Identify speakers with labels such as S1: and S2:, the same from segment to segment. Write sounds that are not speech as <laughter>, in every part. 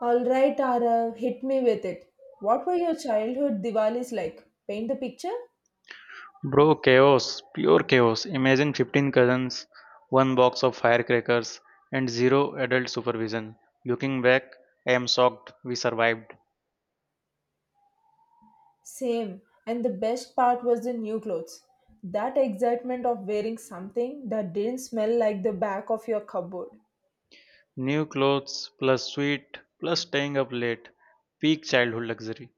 S1: All right, Arav, hit me with it. What were your childhood Diwalis like? Paint the picture?
S2: Bro, chaos, pure chaos. Imagine 15 cousins, one box of firecrackers, and zero adult supervision. Looking back, I am shocked we survived.
S1: Same. And the best part was the new clothes. That excitement of wearing something that didn't smell like the back of your cupboard.
S2: New clothes, plus sweet, plus staying up late. Peak childhood luxury.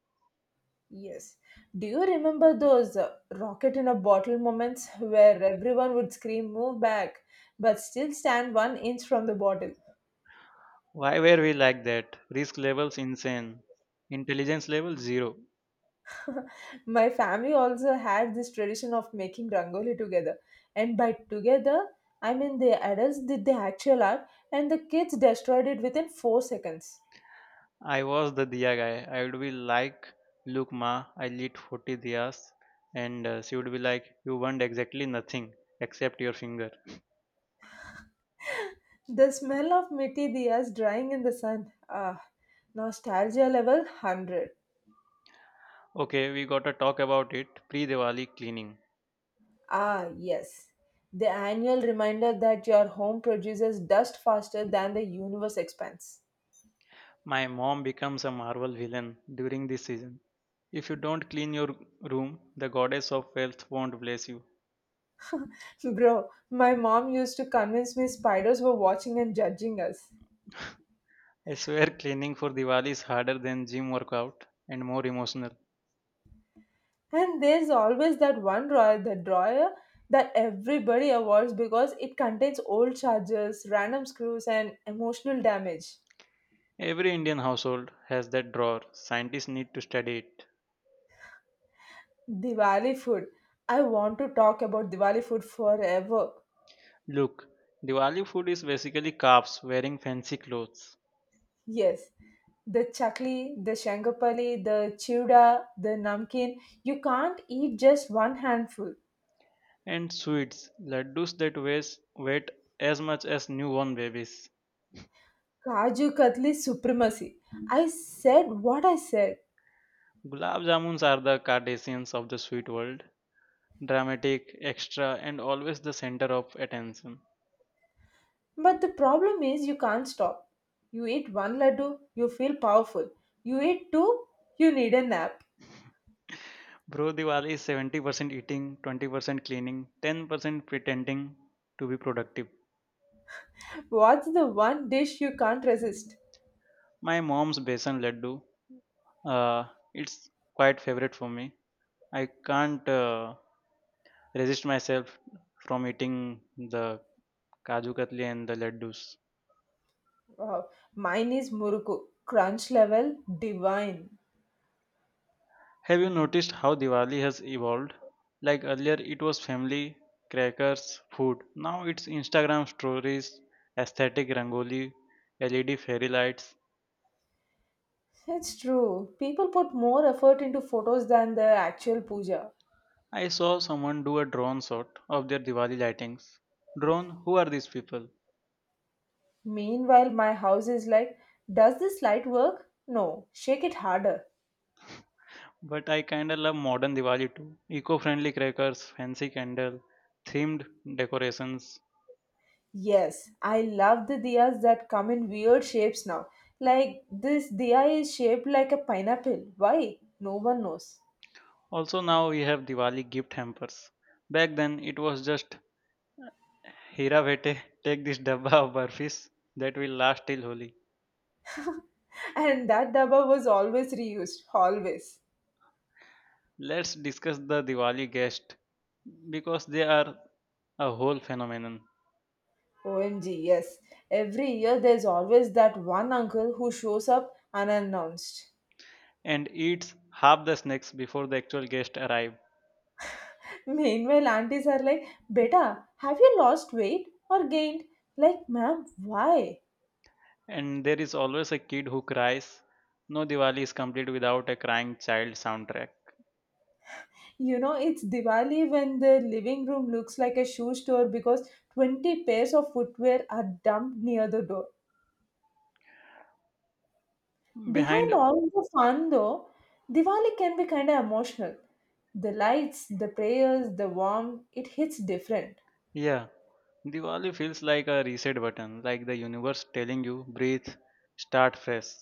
S1: Yes. Do you remember those rocket in a bottle moments where everyone would scream, move back, but still stand one inch from the bottle?
S2: Why were we like that? Risk levels insane. Intelligence level zero.
S1: My family also had this tradition of making rangoli together, and by together I mean the adults did the actual art and the kids destroyed it within 4 seconds.
S2: I was the diya guy. I would be like, Look, ma, I lit 40 diyas. And She would be like, You want exactly nothing except your finger.
S1: The smell of mitti diyas drying in the sun, ah, nostalgia level 100.
S2: Okay, we gotta talk about it. Pre Diwali cleaning.
S1: Ah, yes, the annual reminder that your home produces dust faster than the universe expands.
S2: My mom becomes a Marvel villain during this season. If you don't clean your room, the goddess of wealth won't bless you.
S1: Bro, my mom used to convince me spiders were watching and judging us.
S2: I swear <laughs> cleaning for Diwali is harder than gym workout and more emotional.
S1: And there's always that one drawer, the drawer that everybody avoids because it contains old chargers, random screws, and emotional damage.
S2: Every Indian household has that drawer. Scientists need to study it.
S1: Diwali food. I want to talk about Diwali food forever.
S2: Look, Diwali food is basically carbs wearing fancy clothes
S1: Yes, the chakli, the shangapali, the chivda, the namkeen. You can't eat just one handful.
S2: and sweets, laddus that weighs weight as much as newborn babies.
S1: Kaju Katli supremacy. I said what I said.
S2: Gulab jamuns are the Cardassians of the sweet world, dramatic, extra, and always the center of attention.
S1: But the problem is you can't stop. You eat one laddu, you feel powerful. You eat two, you need a nap.
S2: Bro Diwali is 70% eating, 20% cleaning, 10% pretending to be productive.
S1: What's the one dish you can't resist?
S2: My mom's besan laddu, uh, it's quite favorite for me. I can't resist myself from eating the kaju katli and the laddus.
S1: Wow. Mine is muruku. Crunch level divine.
S2: Have you noticed how Diwali has evolved? Like earlier, it was family, crackers, food. Now it's Instagram stories, aesthetic rangoli, LED fairy lights.
S1: It's true. People put more effort into photos than the actual puja.
S2: I saw someone do a drone shot of their Diwali lightings. Drone, who are these people?
S1: Meanwhile, my house is like, does this light work? No, shake it harder.
S2: But I kinda love modern Diwali too. Eco friendly crackers, fancy candle, themed decorations.
S1: Yes, I love the diyas that come in weird shapes now. Like, this diya is shaped like a pineapple. Why? No one knows.
S2: Also, now we have Diwali gift hampers. Back then, it was just Hira Bhete, take this dabba of burfis that will last till Holi.
S1: <laughs> And that dabba was always reused, always.
S2: Let's discuss the Diwali guest because they are a whole phenomenon
S1: OMG, yes. Every year there's always that one uncle who shows up unannounced.
S2: and eats half the snacks before the actual guest arrive.
S1: <laughs> Meanwhile, aunties are like, Beta, have you lost weight or gained? Like, ma'am, why?
S2: And there is always a kid who cries. No Diwali is complete without a crying child soundtrack.
S1: You know, it's Diwali when the living room looks like a shoe store because 20 pairs of footwear are dumped near the door. Behind
S2: Behind,
S1: all the fun, though, Diwali can be kind of emotional. The lights, the prayers, the warmth, it hits different.
S2: yeah, Diwali feels like a reset button, like the universe telling you breathe, start fresh.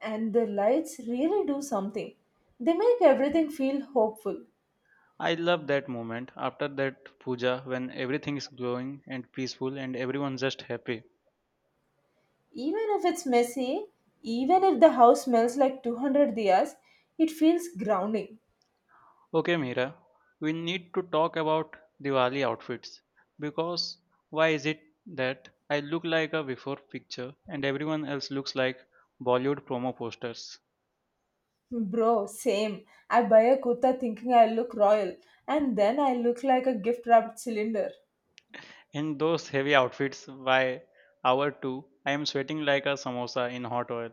S1: And the lights really do something. They make everything feel hopeful.
S2: I love that moment after that puja when everything is glowing and peaceful and everyone's just happy.
S1: Even if it's messy, even if the house smells like 200 diyas, it feels grounding.
S2: Okay, Mira, we need to talk about Diwali outfits because why is it that I look like a before picture and everyone else looks like Bollywood promo posters?
S1: Bro, same. I buy a kurta thinking I look royal, and then I look like a gift wrapped cylinder.
S2: In those heavy outfits by hour 2, I am sweating like a samosa in hot oil.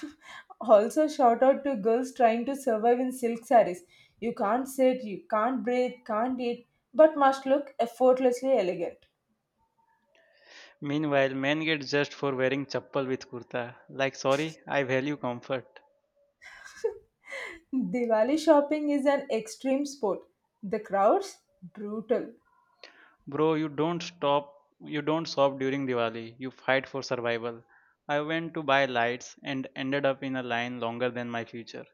S1: <laughs> Also, shout out to girls trying to survive in silk sarees. You can't sit, you can't breathe, can't eat, but must look effortlessly elegant.
S2: Meanwhile, men get judged for wearing chappal with kurta. Like, sorry, I value comfort.
S1: <laughs> Diwali shopping is an extreme sport. The crowds, brutal.
S2: Bro, you don't stop during Diwali. You fight for survival. I went to buy lights and ended up in a line longer than my future.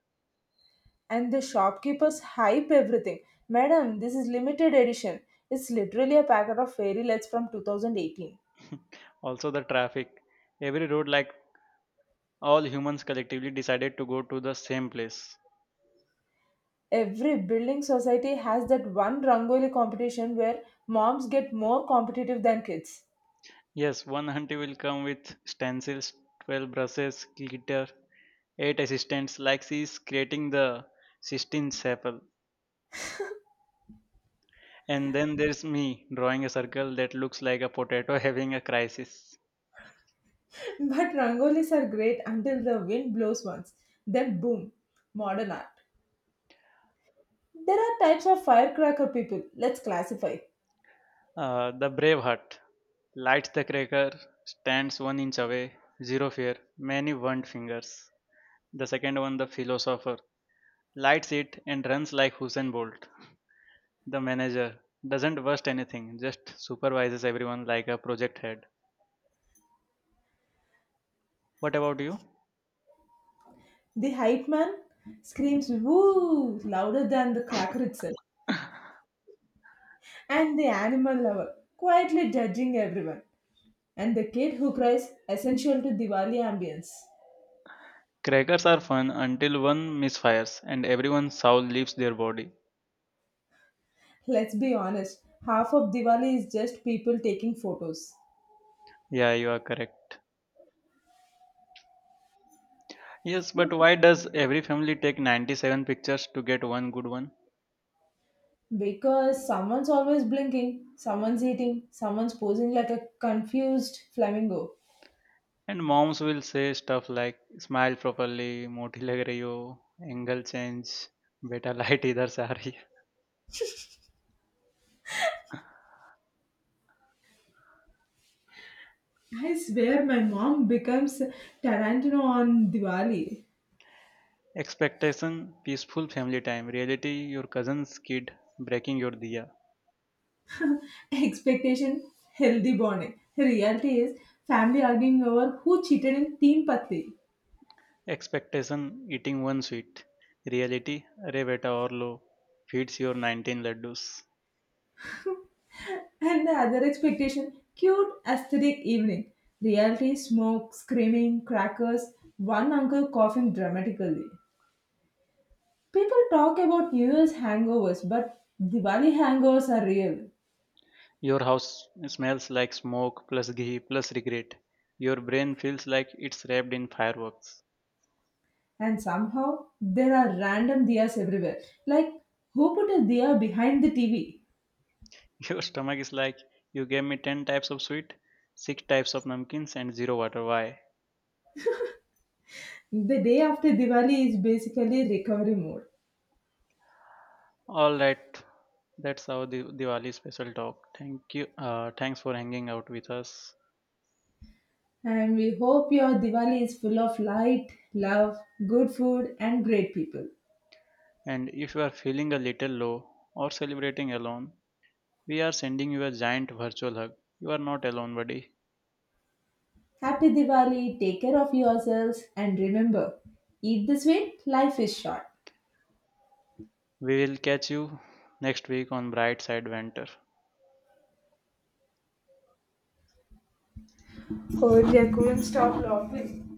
S1: And the shopkeepers hype everything. Madam, this is limited edition. It's literally a packet of fairy lights from 2018.
S2: Also, the traffic. Every road, like all humans collectively, decided to go to the same place.
S1: Every building society has that one Rangoli competition where moms get more competitive than kids.
S2: Yes, one auntie will come with stencils, 12 brushes, glitter, 8 assistants, like she's creating the Sistine Chapel. And then there's me drawing a circle that looks like a potato <laughs> having a crisis.
S1: <laughs> But Rangolis are great until the wind blows once. Then boom, modern art. There are types of firecracker people. Let's classify.
S2: The brave heart lights the cracker, stands one inch away, zero fear, many burned fingers. The second one, the philosopher, lights it and runs like Hussein Bolt. The manager doesn't burst anything, just supervises everyone like a project head. What about you?
S1: The hype man screams woo louder than the cracker itself. And the animal lover quietly judging everyone. And the kid who cries, essential to Diwali ambience.
S2: Crackers are fun until one misfires and everyone's soul leaves their body.
S1: Let's be honest, half of Diwali is just people taking photos.
S2: Yeah, you are correct. Yes, but why does every family take 97 pictures to get one good one?
S1: Because someone's always blinking, someone's eating, someone's posing like a confused flamingo.
S2: And moms will say stuff like smile properly, moti lag rahi ho, angle change, beta light idhar se aa rahi hai.
S1: I swear my mom becomes Tarantino on Diwali.
S2: Expectation peaceful family time, reality your cousin's kid breaking your diya.
S1: Expectation, healthy bonding. Reality is family arguing over who cheated in team patti.
S2: Expectation eating one sweet, reality अरे beta और लो feeds your 19 laddus.
S1: And the other expectation, cute aesthetic evening. Reality, smoke, screaming, crackers, one uncle coughing dramatically. People talk about New Year's hangovers, but Diwali hangovers are real.
S2: Your house smells like smoke plus ghee plus regret. Your brain feels like it's wrapped in fireworks.
S1: And somehow, there are random diyas everywhere. Like, who put a diya behind the TV?
S2: <laughs> Your stomach is like, you gave me 10 types of sweet, 6 types of namkeens, and 0 water. Why?
S1: The day after Diwali is basically recovery mode.
S2: Alright, that's our Diwali special talk. Thank you. Thanks for hanging out with us.
S1: And we hope your Diwali is full of light, love, good food, and great people.
S2: And if you are feeling a little low or celebrating alone, we are sending you a giant virtual hug. You are not alone, buddy.
S1: Happy Diwali, take care of yourselves, and remember, eat the sweet, life is short.
S2: We will catch you next week on Bright Side Venture.
S1: Oh dear, couldn't stop laughing.